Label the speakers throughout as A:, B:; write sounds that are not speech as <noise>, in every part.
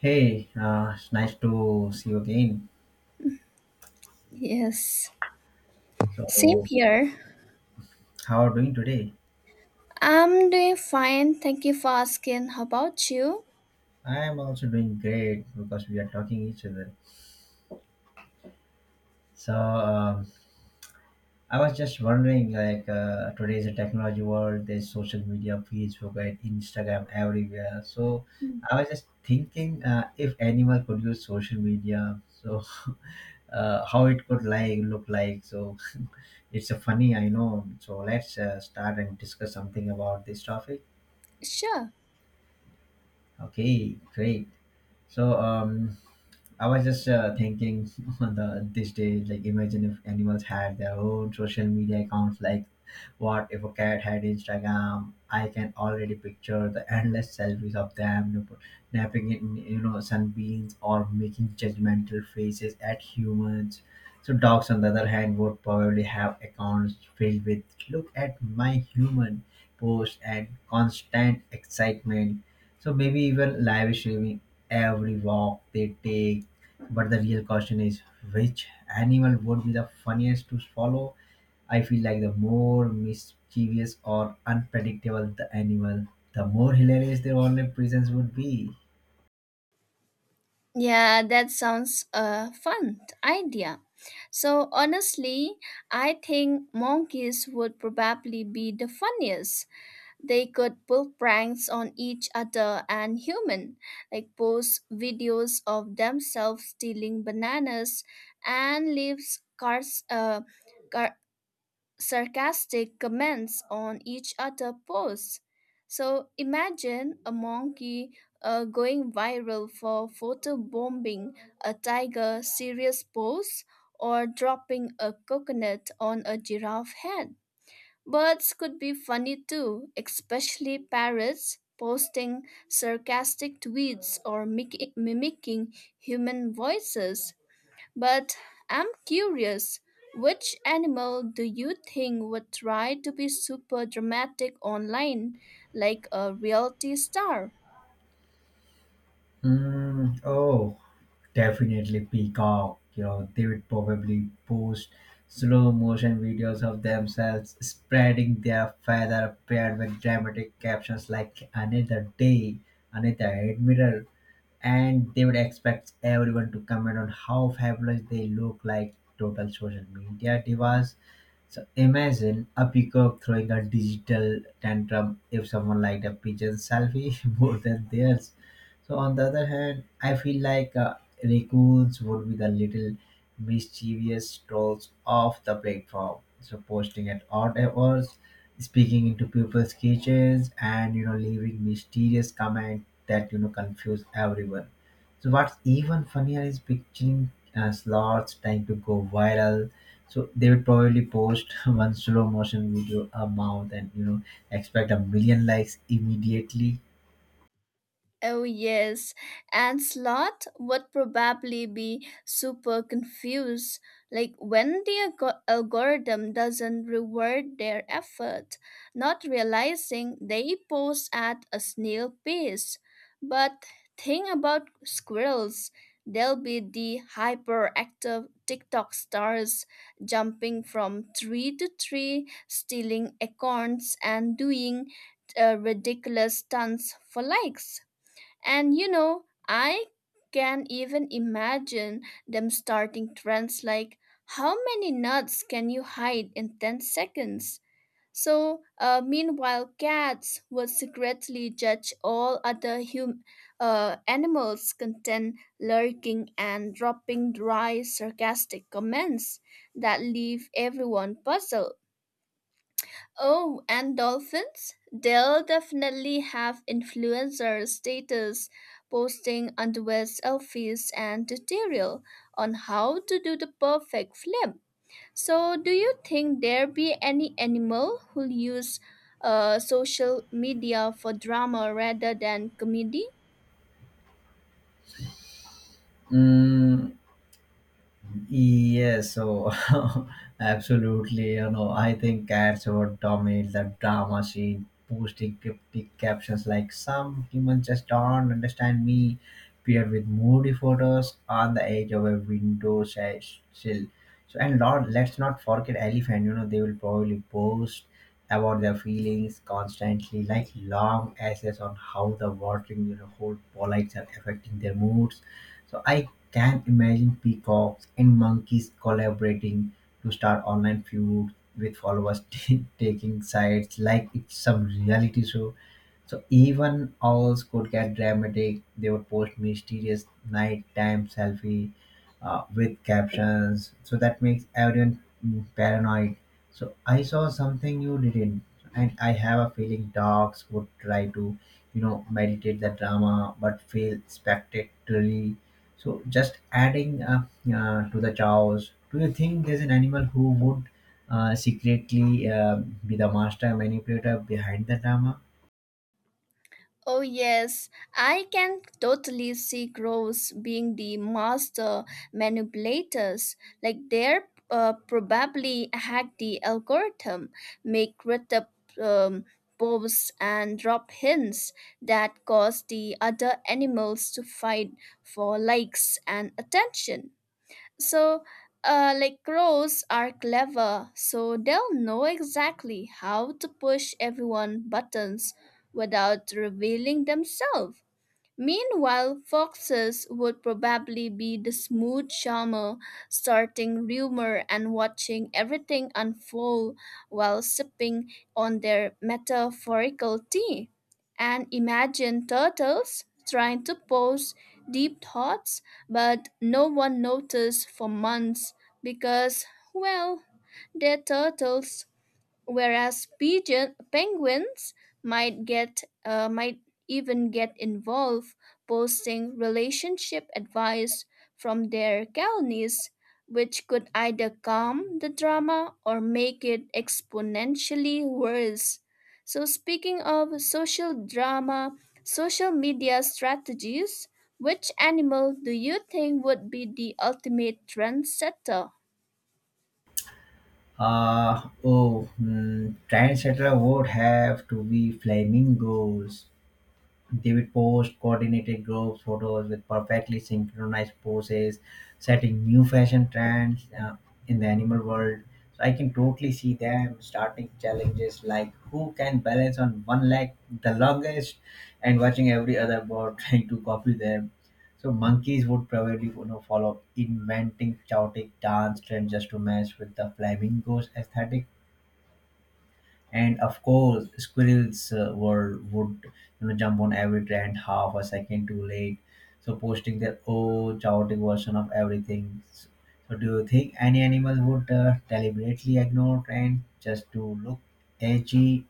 A: Hey, it's nice to see you again.
B: Yes, same
A: So,
B: here.
A: how are you doing today?
B: I'm doing fine. Thank you for asking. How about you?
A: I am also doing great because we are talking each other. So, um, I was just wondering, today's a technology world. There's social media, Facebook, and Instagram everywhere. So,
B: Mm.
A: I was just thinking, if anyone could use social media, so <laughs> how it could like look like. So, it's a funny, I know. So, let's start and discuss something about this topic.
B: Sure.
A: Okay, great. So, I was just thinking <laughs> on the this day, like imagine if animals had their own social media accounts. Like, what if a cat had Instagram? I can already picture the endless selfies of them you know, napping in you know sunbeams or making judgmental faces at humans. So dogs, on the other hand, would probably have accounts filled with "Look at my human" posts and constant excitement. So maybe even live streaming every walk they take, but the real question is which animal would be the funniest to swallow? I feel like the more mischievous or unpredictable the animal, the more hilarious their online presence would be.
B: Yeah, that sounds a fun idea. So, honestly, I think monkeys would probably be the funniest. They could pull pranks on each other and human, like post videos of themselves stealing bananas and leaves cars, sarcastic comments on each other posts. So imagine a monkey going viral for photo bombing a tiger serious pose or dropping a coconut on a giraffe head. Birds could be funny too, especially parrots posting sarcastic tweets or mimicking human voices. But I'm curious, which animal do you think would try to be super dramatic online, like a reality star?
A: Mm, oh, definitely peacock. You know, they would probably post slow motion videos of themselves spreading their feather paired with dramatic captions like another day, another admiral, and they would expect everyone to comment on how fabulous they look like total social media divas. So imagine a peacock throwing a digital tantrum if someone liked a pigeon selfie <laughs> more than theirs. So on the other hand, I feel like raccoons would be the little mischievous trolls off the platform. So posting at odd hours, speaking into people's kitchens, and you know leaving mysterious comments that you know confuse everyone. So what's even funnier is picturing slots trying to go viral. So they would probably post <laughs> one slow motion video a month and you know expect a million likes immediately.
B: Oh, yes, and sloth would probably be super confused. Like when the algorithm doesn't reward their effort, not realizing they pose at a snail pace. But think about squirrels. They'll be the hyperactive TikTok stars jumping from tree to tree, stealing acorns, and doing ridiculous stunts for likes. And you know, I can even imagine them starting trends like how many nuts can you hide in 10 seconds? So, meanwhile, cats would secretly judge all other animals' content, lurking and dropping dry, sarcastic comments that leave everyone puzzled. Oh, and dolphins? They'll definitely have influencer status posting underwear selfies and tutorial on how to do the perfect flip. So, do you think there be any animal who use social media for drama rather than comedy?
A: Mm, yes, so <laughs> absolutely. You know, I think cats would dominate the drama scene, posting cryptic captions like "Some humans just don't understand me," paired with moody photos on the edge of a window sill. So, and Lord, let's not forget elephant. You know, they will probably post about their feelings constantly, like long essays on how the watering you know, whole polites are affecting their moods, so I can imagine peacocks and monkeys collaborating to start online feud with followers <laughs> taking sides like it's some reality show. So even owls could get dramatic. They would post mysterious nighttime selfie with captions. So that makes everyone paranoid. So I saw something you didn't, and I have a feeling dogs would try to, you know, meditate the drama but fail spectacularly. So just adding to the chaos. Do you think there's an animal who would secretly be the master manipulator behind the drama?
B: Oh, yes, I can totally see crows being the master manipulators. Like they're probably hack the algorithm, make written um, posts, and drop hints that cause the other animals to fight for likes and attention. So, like crows are clever, so they'll know exactly how to push everyone buttons without revealing themselves. Meanwhile, foxes would probably be the smooth charmer, starting rumor and watching everything unfold while sipping on their metaphorical tea. And imagine turtles trying to pose deep thoughts, but no one noticed for months because, well, they're turtles, whereas pigeon, penguins might even get involved posting relationship advice from their colonies, which could either calm the drama or make it exponentially worse. So speaking of social drama, social media strategies, which animal do you think would be the ultimate trendsetter?
A: Oh, Trendsetter would have to be flamingos. They would posed coordinated group photos with perfectly synchronized poses, setting new fashion trends in the animal world. So I can totally see them starting challenges like who can balance on one leg the longest, and watching every other bird <laughs> trying to copy them. So monkeys would probably you know follow up, inventing chaotic dance trends just to match with the flamingos aesthetic, and of course, squirrels were would you know jump on every trend half a second too late, so posting their oh, chaotic version of everything. So, do you think any animal would deliberately ignore trends just to look edgy?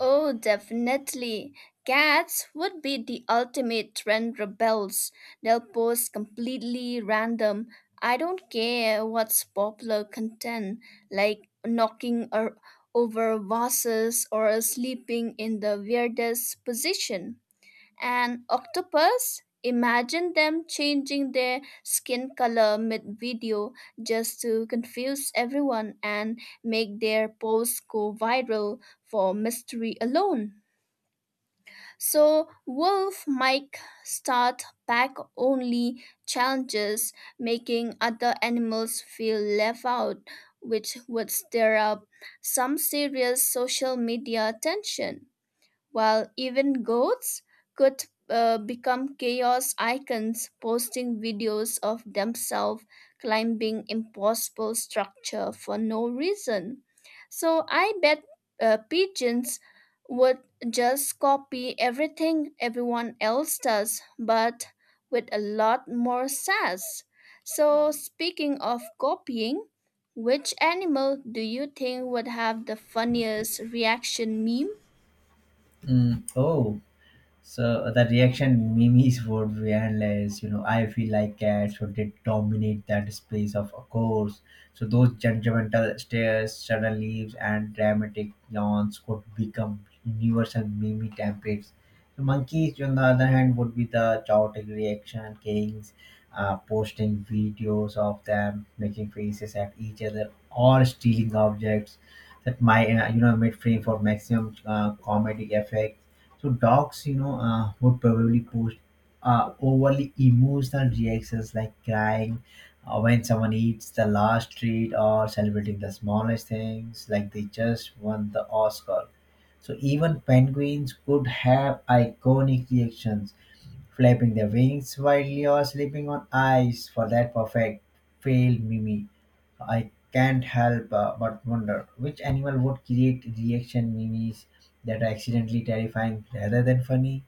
B: Oh, definitely. Cats would be the ultimate trend rebels. They'll post completely random, I don't care what's popular content, like knocking or over vases or sleeping in the weirdest position. An octopus, imagine them changing their skin color mid video just to confuse everyone and make their posts go viral for mystery alone. So, Wolf might start pack only challenges, making other animals feel left out, which would stir up some serious social media attention, while even goats could become chaos icons posting videos of themselves climbing impossible structure for no reason. So I bet pigeons would just copy everything everyone else does but with a lot more sass. So speaking of copying, which animal do you think would have the funniest reaction meme?
A: Mm, oh, so the reaction memes would be endless. You know, I feel like cats would did dominate that space of a course. So those judgmental stares, sudden leaves, and dramatic yawns could become universal meme templates. So monkeys, on the other hand, would be the chaotic reaction kings, posting videos of them making faces at each other or stealing objects. That my you know mid frame for maximum comedy effect. So dogs, you know, would probably post overly emotional reactions like crying when someone eats the last treat or celebrating the smallest things, like they just won the Oscar. So even penguins could have iconic reactions flapping their wings while you're sleeping on ice for that perfect fail mimi. I can't help but wonder which animal would create reaction memes that are accidentally terrifying rather than funny.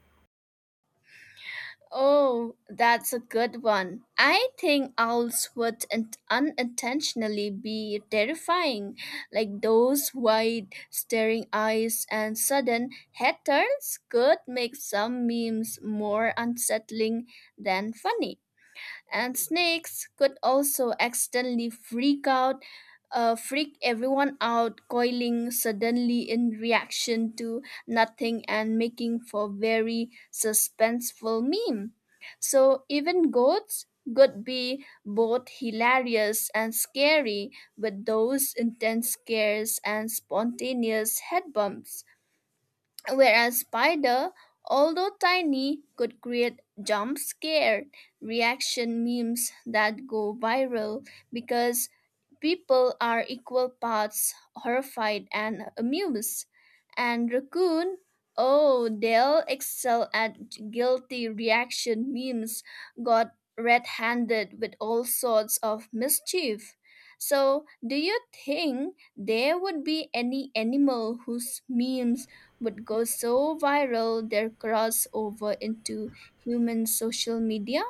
B: Oh, that's a good one. I think owls would unintentionally be terrifying, like those wide staring eyes and sudden head turns could make some memes more unsettling than funny, and snakes could also accidentally freak everyone out, coiling suddenly in reaction to nothing and making for very suspenseful meme. So even goats could be both hilarious and scary with those intense scares and spontaneous head bumps, whereas spider, although tiny, could create jump scare reaction memes that go viral because people are equal parts horrified and amused. And raccoon, oh, they'll excel at guilty reaction memes, got red-handed with all sorts of mischief. So do you think there would be any animal whose memes would go so viral their crossover into human social media?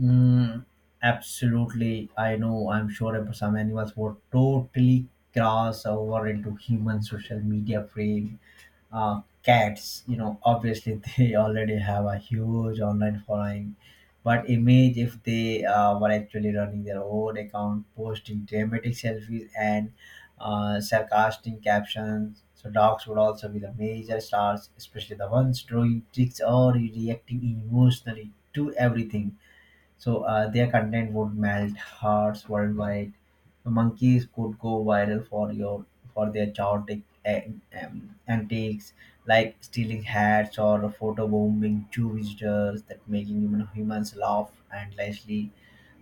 A: Mm, absolutely, I know. I'm sure if some animals would totally cross over into human social media frame. Cats you know obviously <laughs> they already have a huge online following, but image if they were actually running their own account posting dramatic selfies and sarcastic captions. So dogs would also be the major stars, especially the ones drawing tricks or reacting emotionally to everything, so their content would melt hearts worldwide. Monkeys could go viral for your for their chaotic antics, like stealing hats or photo bombing two visitors, that making humans laugh endlessly.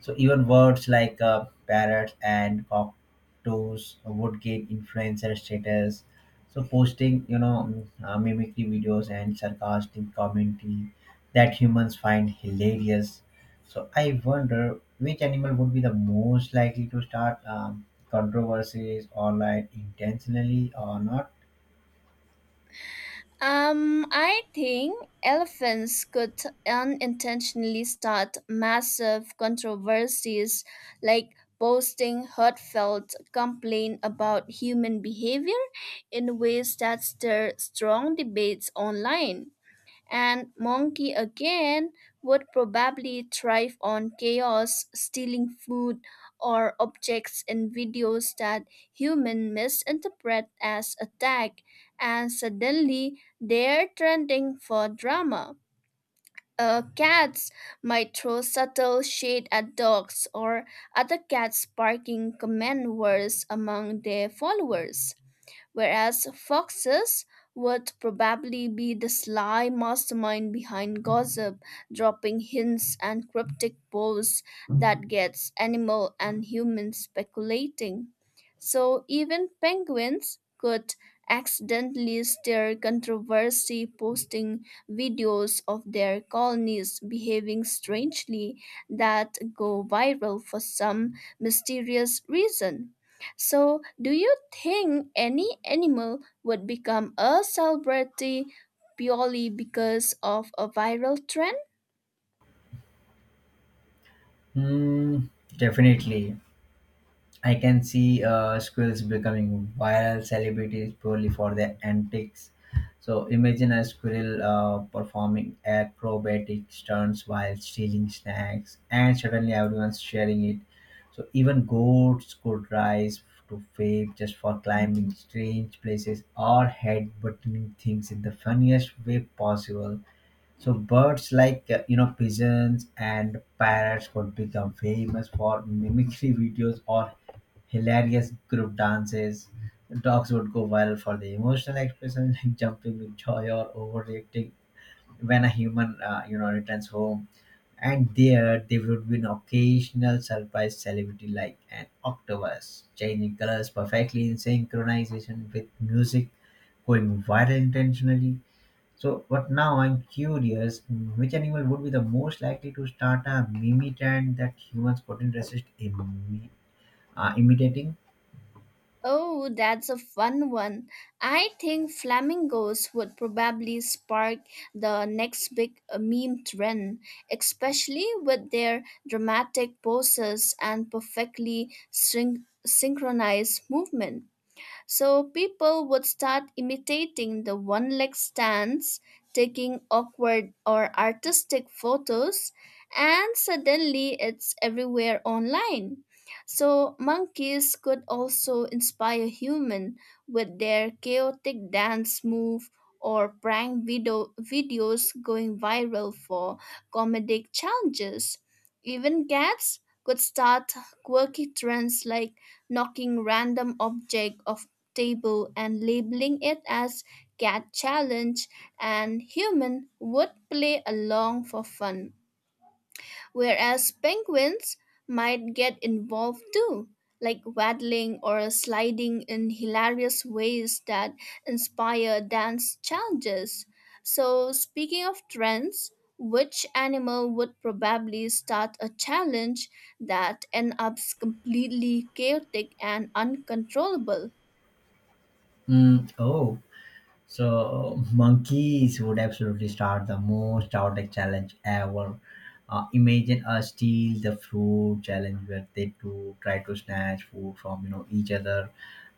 A: So even words like parrots and cockatoos would gain influencer status. So posting, you know, mimicry videos and sarcastic commentary that humans find hilarious, so I wonder which animal would be the most likely to start controversies or like intentionally or not.
B: I think elephants could unintentionally start massive controversies, like posting heartfelt complaint about human behavior in ways that stir strong debates online. And monkey again would probably thrive on chaos, stealing food or objects in videos that human misinterpret as attack, and suddenly they're trending for drama. Cats might throw subtle shade at dogs or other cats, sparking command words among their followers, whereas foxes would probably be the sly mastermind behind gossip, dropping hints and cryptic posts that gets animal and human speculating. So even penguins could accidentally stir controversy, posting videos of their colonies behaving strangely that go viral for some mysterious reason. So, do you think any animal would become a celebrity purely because of a viral trend?
A: Hmm, definitely. I can see squirrels becoming viral celebrities purely for their antics. So imagine a squirrel performing acrobatic stunts while stealing snacks, and suddenly everyone's sharing it. So even goats could rise to fame just for climbing strange places or headbutting things in the funniest way possible. So birds like you know pigeons and parrots could become famous for mimicry <laughs> videos or hilarious group dances. Dogs would go viral for their emotional expression, <laughs> like jumping with joy or overreacting when a human, you know, returns home. And there would be an occasional surprise celebrity like an octopus, changing colors perfectly in synchronization with music, going viral intentionally. So, but now I'm curious, which animal would be the most likely to start a mimi trend that humans couldn't resist imitating?
B: Oh, that's a fun one. I think flamingos would probably spark the next big meme trend, especially with their dramatic poses and perfectly synchronized movement. So people would start imitating the one leg stance, taking awkward or artistic photos, and suddenly it's everywhere online. So monkeys could also inspire human with their chaotic dance move or prank video videos going viral for comedic challenges. Even cats could start quirky trends like knocking random object off table and labeling it as cat challenge, and human would play along for fun, whereas penguins might get involved too, like waddling or sliding in hilarious ways that inspire dance challenges. So, speaking of trends, which animal would probably start a challenge that ends up completely chaotic and uncontrollable?
A: Mm, oh, so monkeys would absolutely start the most chaotic challenge ever. Imagine a steal the fruit challenge where they do try to snatch food from you know each other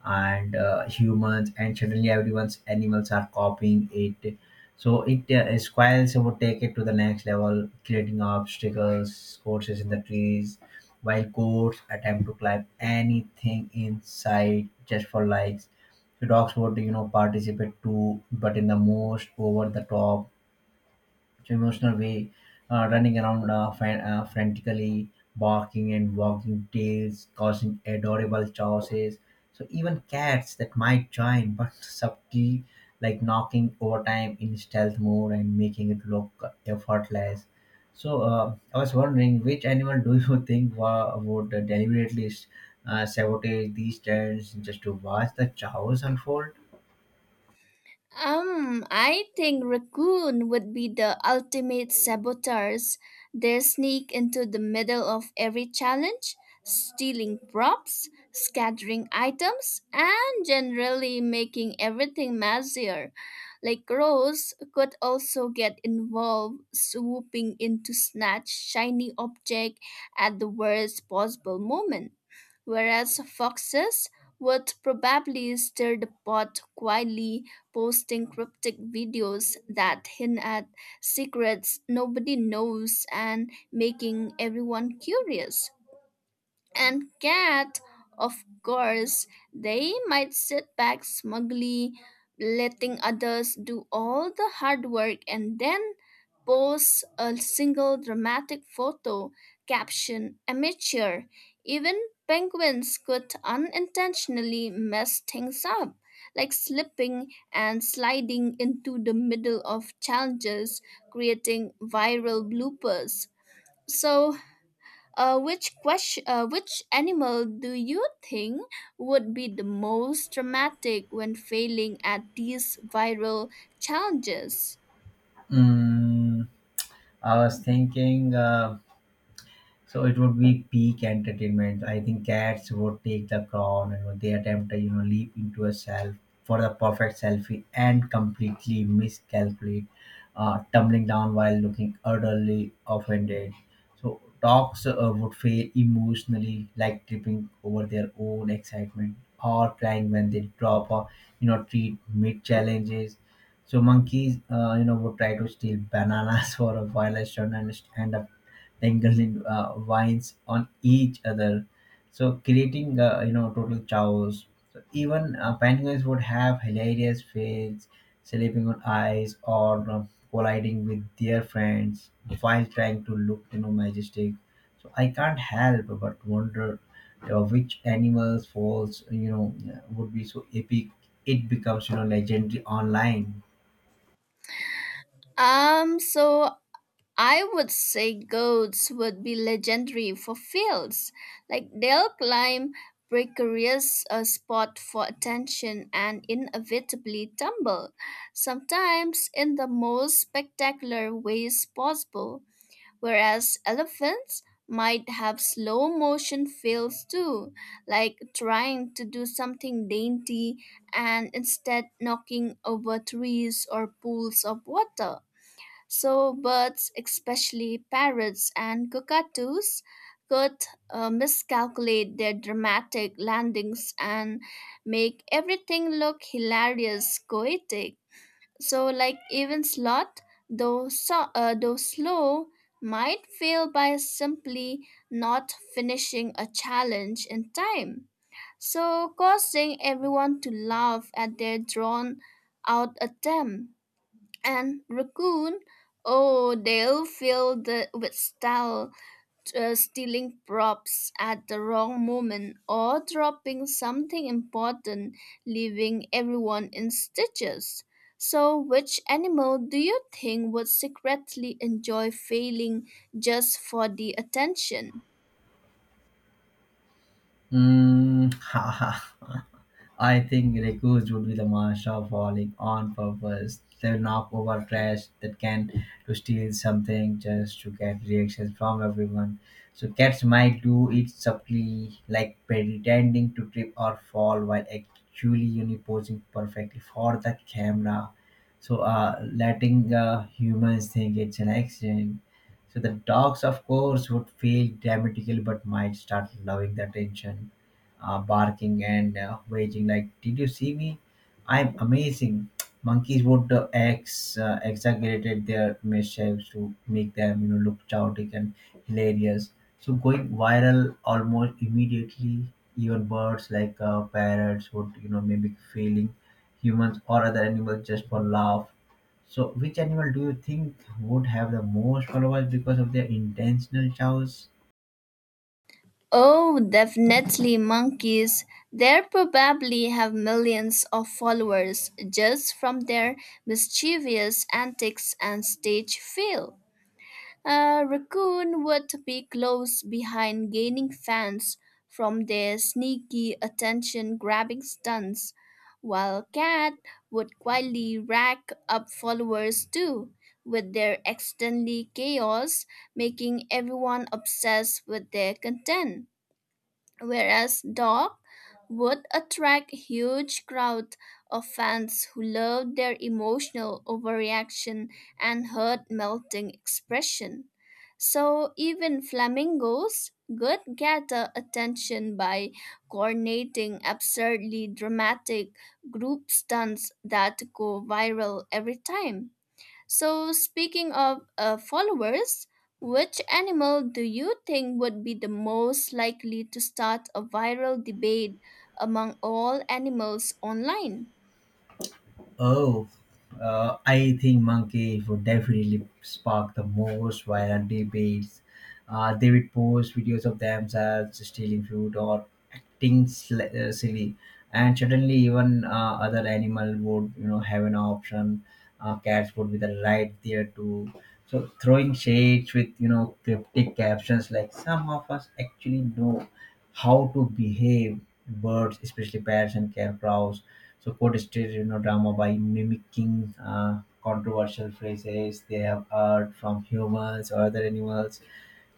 A: and humans, and suddenly everyone's animals are copying it. So it squirrels would take it to the next level, creating obstacles, courses in the trees, while goats attempt to climb anything in sight just for likes. She talks about you know participate too but in the most over the top emotional way, running around frantically barking and wagging tails causing adorable chaoses. So even cats that might join but subtly, like knocking over time in stealth mode and making it look effortless. So I was wondering which animal do you <laughs> think would deliberately sabotage these trends just to watch the chaos unfold.
B: I think raccoon would be the ultimate saboteurs. They sneak into the middle of every challenge, stealing props, scattering items, and generally making everything messier. Like crows could also get involved, swooping in to snatch shiny object at the worst possible moment, whereas foxes would probably stir the pot quietly, posting cryptic videos that hint at secrets nobody knows and making everyone curious. And cat, of course, they might sit back smugly, letting others do all the hard work and then post a single dramatic photo, caption, amateur. Even penguins could unintentionally mess things up, like slipping and sliding into the middle of challenges, creating viral bloopers. So, which question? Which animal do you think would be the most dramatic when failing at these viral challenges?
A: Mm, I was thinking so it would be peak entertainment. I think cats would take the crown and would they attempt to, you know, leap into a self for the perfect selfie and completely miscalculate, tumbling down while looking utterly offended. So dogs would fail emotionally, like tripping over their own excitement or crying when they drop a, you know, treat mid challenges. So monkeys, you know, would try to steal bananas <laughs> for a while and stand up dangling vines on each other, so creating you know total chaos. So even penguins would have hilarious fails slipping on ice or colliding with their friends while trying to look you know majestic. So I can't help but wonder which animals falls you know would be so epic it becomes you know legendary online.
B: So I would say goats would be legendary for fails. Like they'll climb precarious spot for attention and inevitably tumble, sometimes in the most spectacular ways possible, whereas elephants might have slow motion fails too, like trying to do something dainty and instead knocking over trees or pools of water. So, birds, especially parrots and cockatoos, could miscalculate their dramatic landings and make everything look hilarious, poetic. So, like even slot, though slow, might fail by simply not finishing a challenge in time, so causing everyone to laugh at their drawn out attempt. And Raccoon, oh, they'll fill the with style, stealing props at the wrong moment or dropping something important, leaving everyone in stitches. So, which animal do you think would secretly enjoy failing just for the attention?
A: Mm, <laughs> haha. I think recruits would be the master of falling on purpose. They'll knock over trash that can to steal something just to get reactions from everyone. So cats might do it subtly, like pretending to trip or fall while actually you know, posing perfectly for the camera. So letting humans think it's an accident. So the dogs, of course, would fail dramatically, but might start loving the attention, barking and waging like, "Did you see me? I'm amazing." Monkeys would ex exaggerated their mishaps to make them, you know, look chaotic and hilarious. So going viral almost immediately. Even birds like parrots would, you know, mimic feeling humans or other animals just for laugh. So, which animal do you think would have the most followers because of their intentional chows?
B: Oh, definitely monkeys. They probably have millions of followers just from their mischievous antics and stage fail. A raccoon would be close behind, gaining fans from their sneaky attention grabbing stunts, while cat would quietly rack up followers too, with their accidentally chaos, making everyone obsessed with their content, whereas dog would attract huge crowd of fans who loved their emotional overreaction and heart-melting expression. So even flamingos could gather attention by coordinating absurdly dramatic group stunts that go viral every time. So, speaking of followers, which animal do you think would be the most likely to start a viral debate among all animals online?
A: Oh, I think Monkey would definitely spark the most violent debates. They would post videos of themselves stealing food or acting silly, and certainly even other animal would you know have an option. Cats would be the right there too. So throwing shades with you know cryptic captions like some of us actually know how to behave. Birds, especially parrots and sparrows support stereodrama by mimicking controversial phrases they have heard from humans or other animals.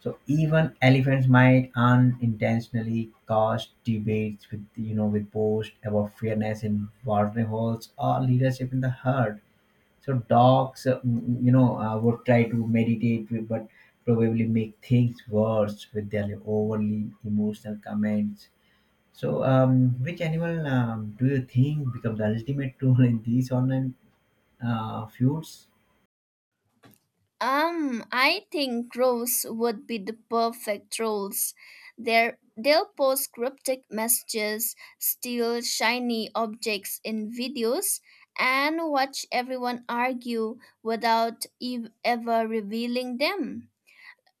A: So even elephants might unintentionally cause debates with you know with posts about fairness in watering holes or leadership in the herd. So dogs, you know, would try to meditate, but probably make things worse with their overly emotional comments. So, which animal do you think become the ultimate tool in these online feuds?
B: I think crows would be the perfect trolls. They'll post cryptic messages, steal shiny objects in videos, and watch everyone argue without ever revealing them,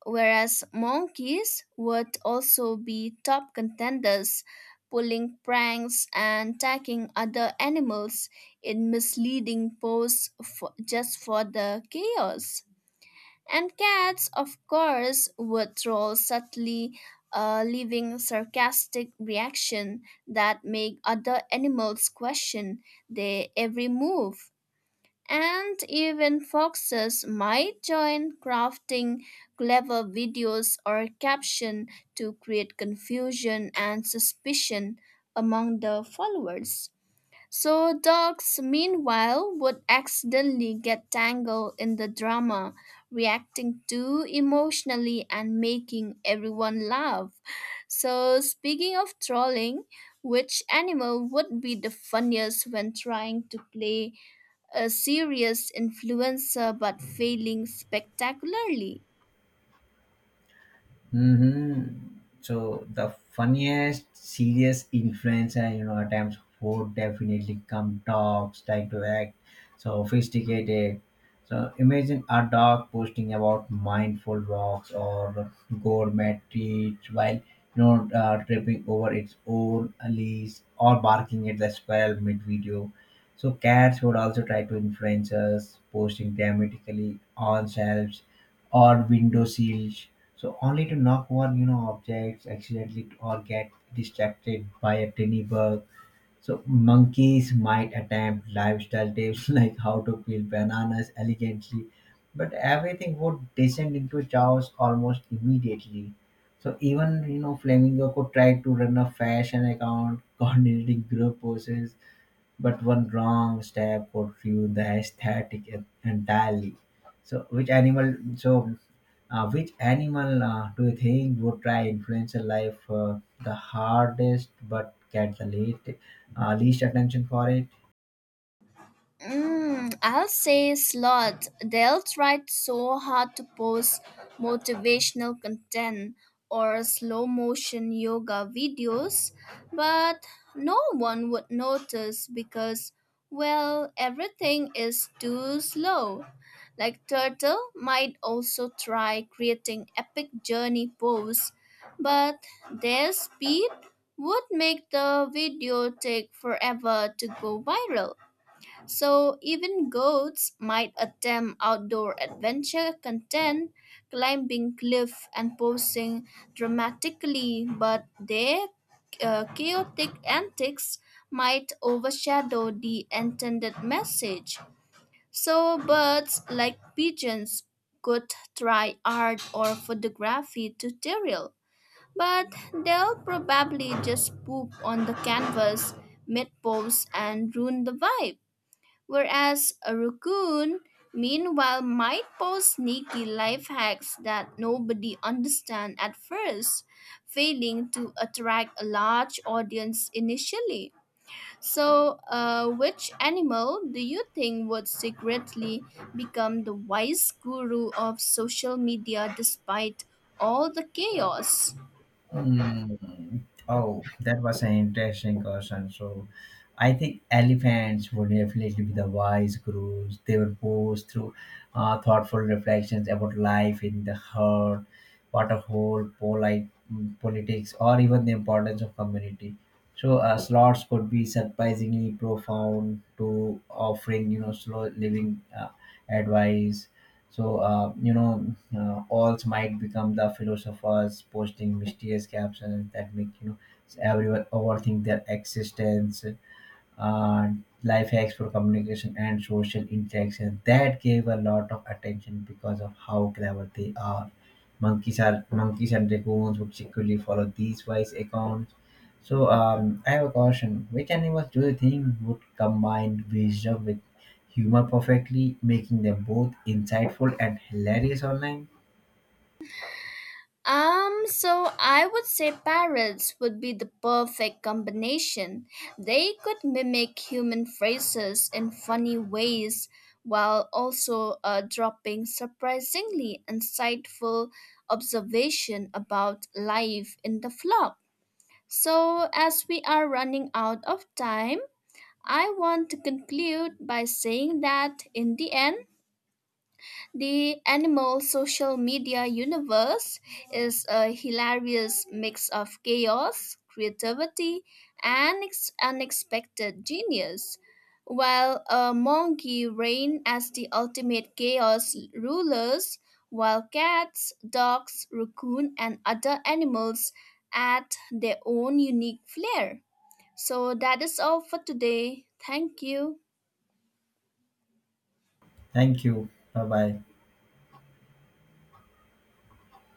B: whereas monkeys would also be top contenders, pulling pranks and attacking other animals in misleading poses just for the chaos. And cats, of course, would troll subtly, leaving sarcastic reaction that make other animals question their every move. And even foxes might join crafting clever videos or caption to create confusion and suspicion among the followers. So dogs meanwhile would accidentally get tangled in the drama, reacting too emotionally and making everyone laugh. So speaking of trolling, which animal would be the funniest when trying to play a serious influencer but failing spectacularly.
A: Mm-hmm. So the funniest, serious influencer, you know, at times who definitely come talks, try to act sophisticated. So imagine a dog posting about mindful walks or gourmet treats while you know tripping over its own leash or barking at the squirrel mid video. So cats would also try to influence us, posting dramatically on shelves or window sills, so only to knock over, you know, objects accidentally or get distracted by a tiny bug. So monkeys might attempt lifestyle tips <laughs> like how to peel bananas elegantly, but everything would descend into chaos almost immediately. So even you know, flamingo could try to run a fashion account, <laughs> coordinating group poses, but one wrong step would ruin the aesthetic entirely. So, which animal do you think would try influencer life the hardest, but get the least attention for it?
B: Mm, I'll say slot. They'll try so hard to post motivational content or slow motion yoga videos, but no one would notice because, well, everything is too slow. Like Turtle might also try creating epic journey posts, but their speed would make the video take forever to go viral. So even goats might attempt outdoor adventure content, climbing cliff and posing dramatically, but their chaotic antics might overshadow the intended message. So birds like pigeons could try art or photography tutorial, but they'll probably just poop on the canvas mid pose and ruin the vibe. Whereas a raccoon, meanwhile, might post sneaky life hacks that nobody understands at first, failing to attract a large audience initially. So, which animal do you think would secretly become the wise guru of social media despite all the chaos?
A: Mm. Oh, that was an interesting question. So, I think elephants would definitely be the wise gurus. They would pose through thoughtful reflections about life in the herd, what a whole, polite politics, or even the importance of community. So, sloths could be surprisingly profound to offering, you know, slow living advice. So, alls might become the philosophers posting mysterious captions that make, you know, everyone overthink their existence. uh, Life hacks for communication and social interaction that gave a lot of attention because of how clever they are. Monkeys are monkeys and raccoons would secretly follow these wise accounts. So I have a caution, which animals do you think would combine wisdom with humor perfectly, making them both insightful and hilarious online?
B: So I would say parrots would be the perfect combination. They could mimic human phrases in funny ways while also dropping surprisingly insightful observation about life in the flock. So, as we are running out of time, I want to conclude by saying that in the end, the animal social media universe is a hilarious mix of chaos, creativity, and unexpected genius. While a monkey reign as the ultimate chaos rulers, while cats, dogs, raccoon, and other animals add their own unique flair. So that is all for today. Thank you.
A: Thank you, bye bye.